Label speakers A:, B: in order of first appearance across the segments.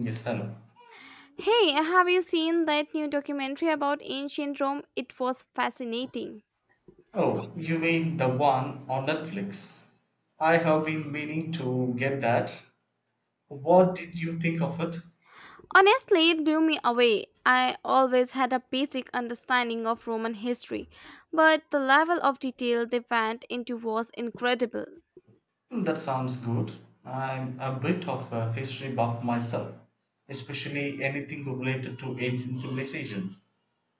A: Yes, hello.
B: Hey, have you seen that new documentary about ancient Rome? It was fascinating.
A: Oh, you mean the one on Netflix? I have been meaning to get that. What did you think of it?
B: Honestly, it blew me away. I always had a basic understanding of Roman history, but the level of detail they went into was incredible.
A: Hmm, that sounds good. I'm a bit of a history buff myself, especially anything related to ancient civilizations.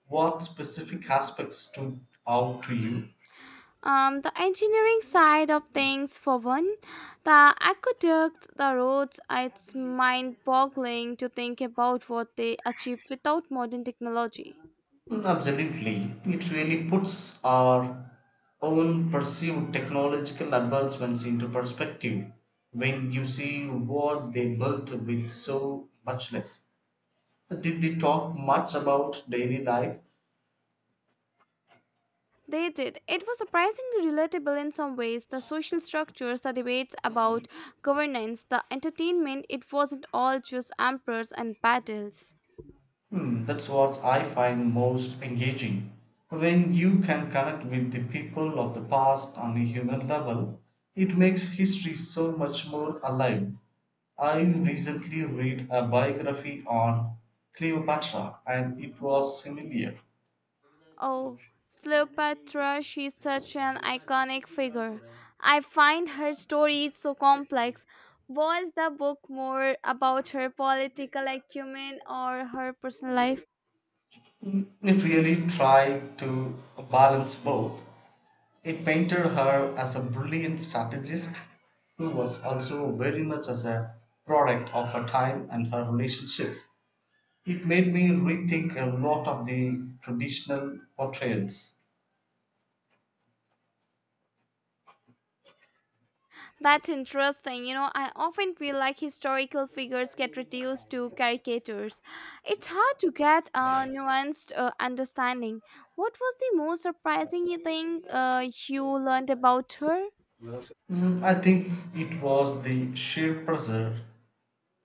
A: What specific aspects stood out to you?
B: The engineering side of things, for one, the aqueducts, the roads, it's mind boggling to think about what they achieved without modern technology.
A: Mm, absolutely. It really puts our own perceived technological advancements into perspective when you see what they built with so much less. Did they talk much about daily life?
B: They did. It was surprisingly relatable in some ways. The social structures, the debates about governance, the entertainment, it wasn't all just emperors and battles.
A: Hmm, that's what I find most engaging. When you can connect with the people of the past on a human level, it makes history so much more alive. I recently read a biography on Cleopatra and it was similar.
B: Oh, Cleopatra, she's such an iconic figure. I find her story so complex. Was the book more about her political acumen or her personal life?
A: It really tried to balance both. It painted her as a brilliant strategist who was also very much as a product of her time and her relationships. It made me rethink a lot of the traditional portrayals.
B: That's interesting. You know, I often feel like historical figures get reduced to caricatures. It's hard to get a nuanced understanding. What was the most surprising you think you learned about her?
A: Mm, I think it was the sheer pressure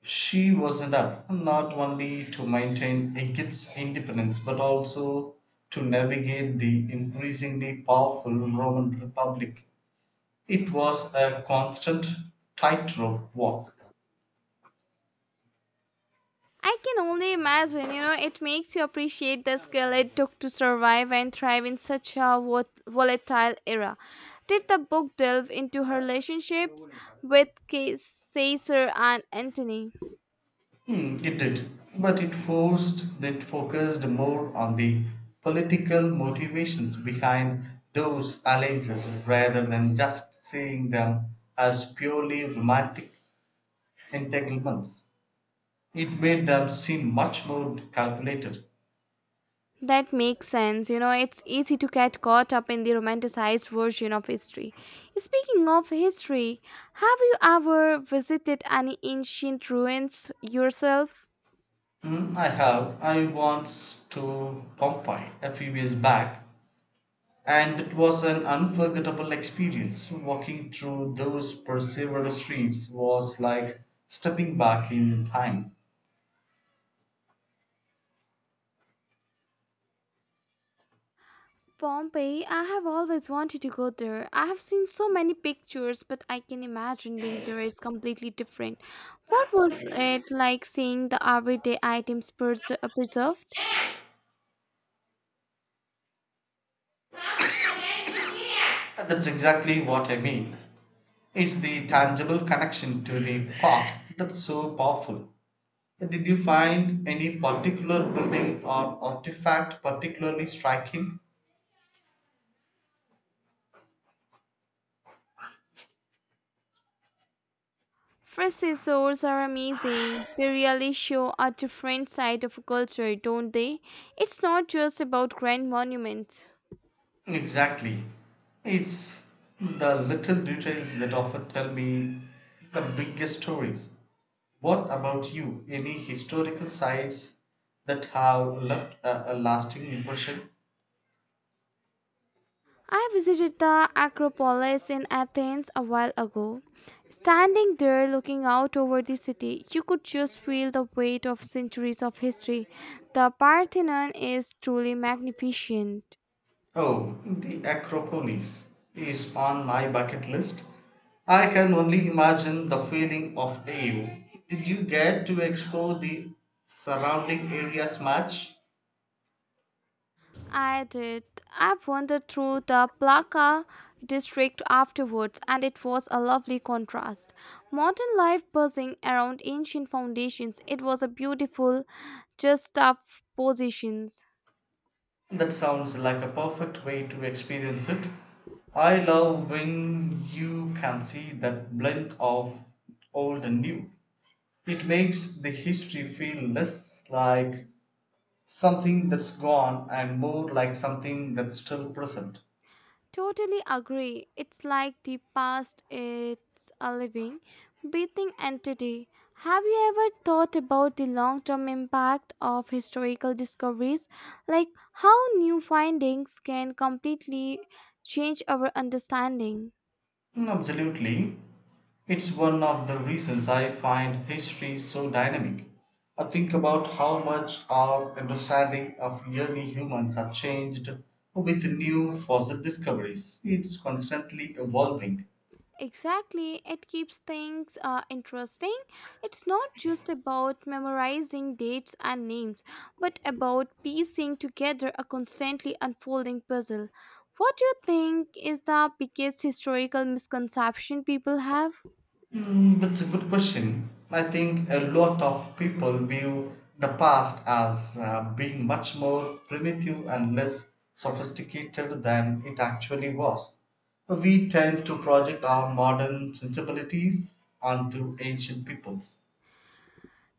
A: she was under, not only to maintain Egypt's independence but also to navigate the increasingly powerful Roman Republic. It was a constant tightrope walk.
B: I can only imagine, you know, it makes you appreciate the skill it took to survive and thrive in such a volatile era. Did the book delve into her relationships with Caesar and Antony?
A: Hmm, it did, but it focused more on the political motivations behind those alliances rather than just seeing them as purely romantic entanglements. It made them seem much more calculated.
B: That makes sense. You know, it's easy to get caught up in the romanticized version of history. Speaking of history, have you ever visited any ancient ruins yourself?
A: Hmm, I have. I once to Pompeii a few years back, and it was an unforgettable experience. Walking through those perseveral streets was like stepping back in time.
B: Pompeii, I have always wanted to go there. I have seen so many pictures, but I can imagine being there is completely different. What was it like seeing the everyday items preserved?
A: And that's exactly what I mean. It's the tangible connection to the past that's so powerful. Did you find any particular building or artifact particularly striking?
B: First resorts are amazing. They really show a different side of a culture, don't they? It's not just about grand monuments.
A: Exactly. It's the little details that often tell me the biggest stories. What about you? Any historical sites that have left a lasting impression?
B: I visited the Acropolis in Athens a while ago. Standing there looking out over the city, you could just feel the weight of centuries of history. The Parthenon is truly magnificent.
A: Oh, the Acropolis is on my bucket list. I can only imagine the feeling of awe. Did you get to explore the surrounding areas much?
B: I did. I wandered through the Plaka district afterwards, and it was a lovely contrast. Modern life buzzing around ancient foundations. It was a beautiful, just up positions.
A: That sounds like a perfect way to experience it. I love when you can see that blend of old and new. It makes the history feel less like something that's gone and more like something that's still present.
B: Totally agree. It's like the past it's a living, breathing entity. Have you ever thought about the long term impact of historical discoveries? Like how new findings can completely change our understanding?
A: Mm, absolutely. It's one of the reasons I find history so dynamic. I think about how much our understanding of early humans are changed with new fossil discoveries. It's constantly evolving.
B: Exactly, it keeps things interesting. It's not just about memorizing dates and names, but about piecing together a constantly unfolding puzzle. What do you think is the biggest historical misconception people have?
A: Mm, that's a good question. I think a lot of people view the past as being much more primitive and less sophisticated than it actually was. We tend to project our modern sensibilities onto ancient peoples.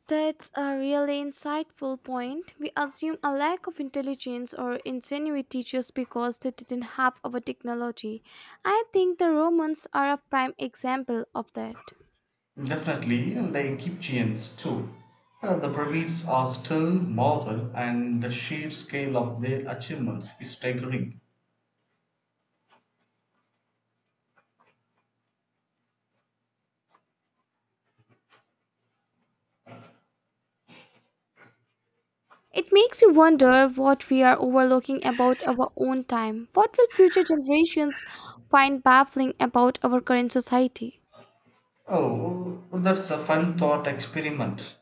B: That's a really insightful point. We assume a lack of intelligence or ingenuity just because they didn't have our technology. I think the Romans are a prime example of that.
A: Definitely, and the Egyptians too. The pyramids are still marvel, and the sheer scale of their achievements is staggering.
B: It makes you wonder what we are overlooking about our own time. What will future generations find baffling about our current society?
A: Oh, well, that's a fun thought experiment.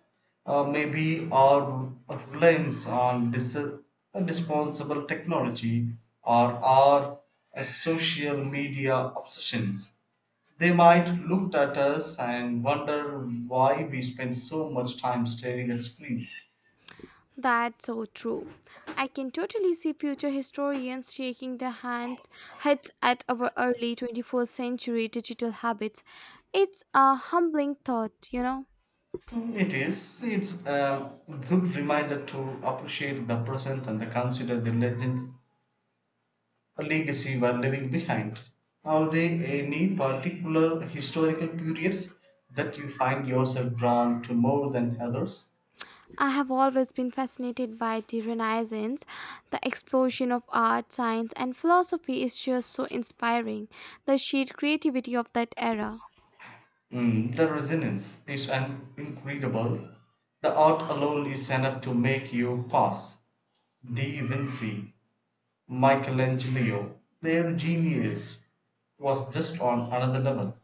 A: Maybe our reliance on disposable technology or our social media obsessions. They might look at us and wonder why we spend so much time staring at screens.
B: That's so true. I can totally see future historians shaking their hands heads at our early 21st century digital habits. It's a humbling thought, you know.
A: Mm, it is. It's a good reminder to appreciate the present and the consider the legends legacy were leaving behind? Are there any particular historical periods that you find yourself drawn to more than others?
B: I have always been fascinated by the Renaissance. The explosion of art, science, and philosophy is just so inspiring. The sheer creativity of that era.
A: Mm, the resonance is incredible. The art alone is enough to make you pause. Da Vinci, Michelangelo, their genius was just on another level.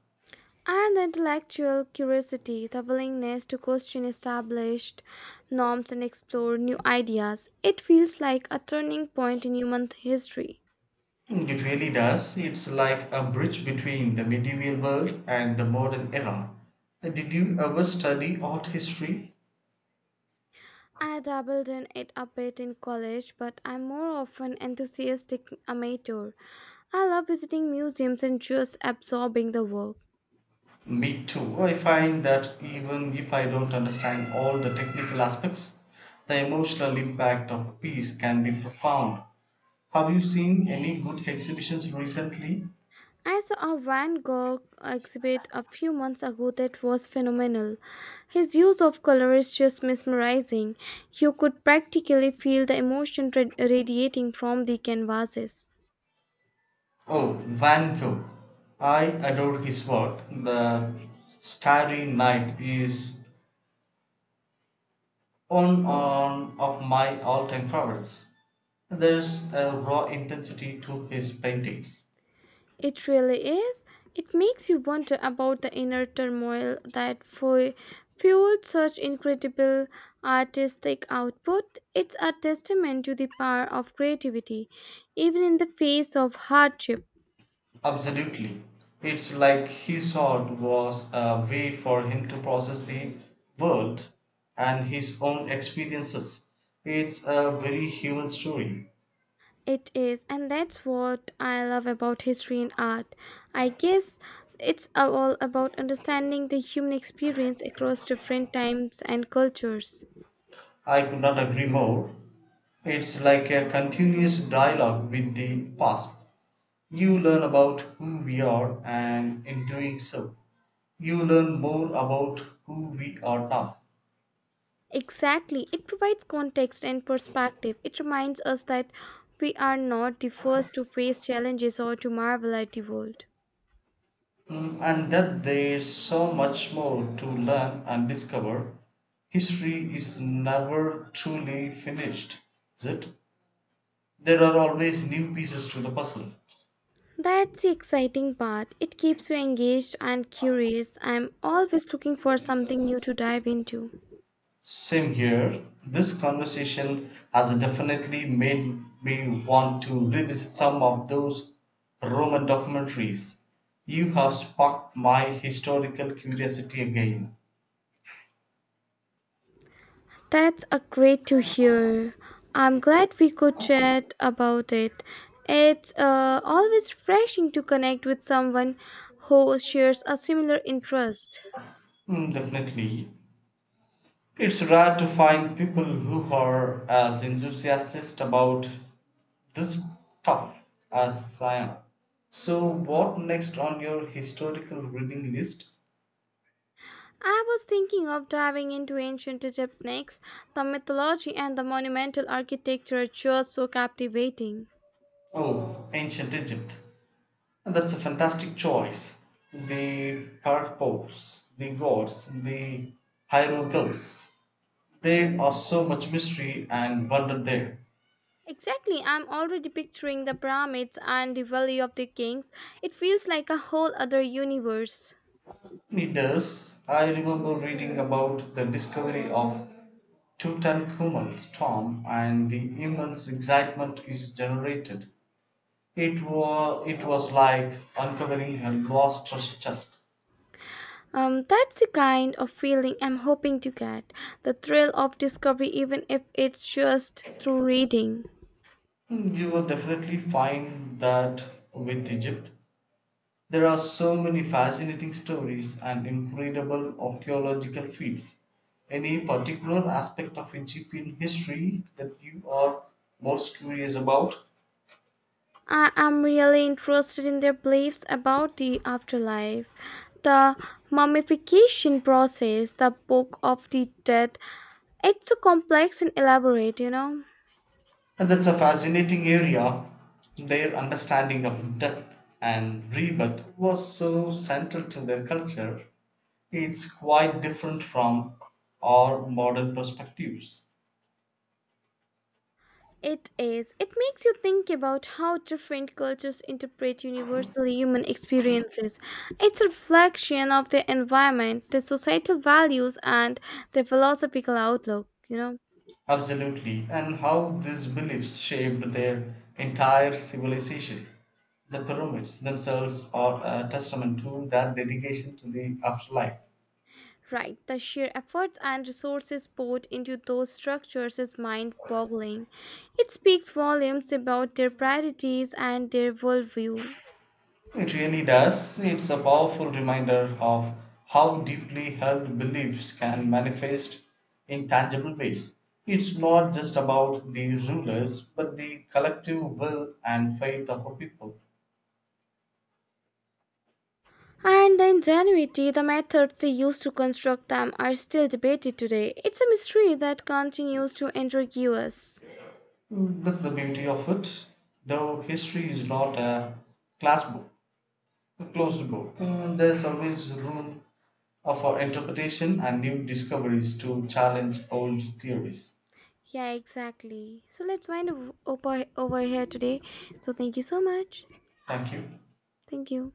B: And the intellectual curiosity, the willingness to question established norms and explore new ideas. It feels like a turning point in human history.
A: Mm, it really does. It's like a bridge between the medieval world and the modern era. Did you ever study art history?
B: I dabbled in it a bit in college, but I'm more of an enthusiastic amateur. I love visiting museums and just absorbing the work.
A: Me too. I find that even if I don't understand all the technical aspects, the emotional impact of a piece can be profound. Have you seen any good exhibitions recently?
B: I saw a Van Gogh exhibit a few months ago that was phenomenal. His use of color is just mesmerizing. You could practically feel the emotion radiating from the canvases.
A: Oh, Van Gogh. I adore his work. The Starry Night is one on of my all-time favorites. There's a raw intensity to his paintings.
B: It really is. It makes you wonder about the inner turmoil that fueled such incredible artistic output. It's a testament to the power of creativity, even in the face of hardship.
A: Absolutely. It's like his art was a way for him to process the world and his own experiences. It's a very human story.
B: It is, and that's what I love about history and art. I guess it's all about understanding the human experience across different times and cultures.
A: I could not agree more. It's like a continuous dialogue with the past. You learn about who we are, and in doing so, you learn more about who we are now.
B: Exactly, it provides context and perspective. It reminds us that we are not the first to face challenges or to marvel at the world.
A: Mm, and that there's so much more to learn and discover. History is never truly finished, is it? There are always new pieces to the puzzle.
B: That's the exciting part. It keeps you engaged and curious. I'm always looking for something new to dive into.
A: Same here. This conversation has definitely made me want to revisit some of those Roman documentaries. You have sparked my historical curiosity again.
B: That's a great to hear. I'm glad we could chat about it. It's always refreshing to connect with someone who shares a similar interest.
A: Mm, definitely. It's rare to find people who are as enthusiastic about this stuff as I am. So, what next on your historical reading list?
B: I was thinking of diving into ancient Egypt next. The mythology and the monumental architecture are just so captivating.
A: Oh, Ancient Egypt. That's a fantastic choice. The Parpos, the gods, the hieroglyphs. There are so much mystery and wonder there.
B: Exactly, I'm already picturing the pyramids and the Valley of the Kings. It feels like a whole other universe.
A: It does. I remember reading about the discovery of Tutankhamun's tomb and the immense excitement it generated. It was like uncovering a lost treasure chest.
B: That's the kind of feeling I'm hoping to get the thrill of discovery, even if it's just through reading.
A: You will definitely find that with Egypt. There are so many fascinating stories and incredible archaeological feats. Any particular aspect of Egyptian history that you are most curious about?
B: I am really interested in their beliefs about the afterlife, the mummification process, the book of the dead. It's so complex and elaborate, you know.
A: And that's a fascinating area. Their understanding of death and rebirth was so central to their culture. It's quite different from our modern perspectives.
B: It is. It makes you think about how different cultures interpret universally human experiences. It's a reflection of their environment, their societal values, and their philosophical outlook, you know?
A: Absolutely. And how these beliefs shaped their entire civilization. The pyramids themselves are a testament to their dedication to the afterlife.
B: Right, the sheer efforts and resources poured into those structures is mind boggling. It speaks volumes about their priorities and their worldview.
A: It really does. It's a powerful reminder of how deeply held beliefs can manifest in tangible ways. It's not just about the rulers, but the collective will and faith of a people.
B: And the ingenuity, the methods they used to construct them are still debated today. It's a mystery that continues to intrigue us.
A: Mm, that's the beauty of it. Though history is not class book, a closed book, mm, there's always room for interpretation and new discoveries to challenge old theories.
B: Yeah, exactly. So let's wind up over here today. So thank you so much.
A: Thank you.
B: Thank you.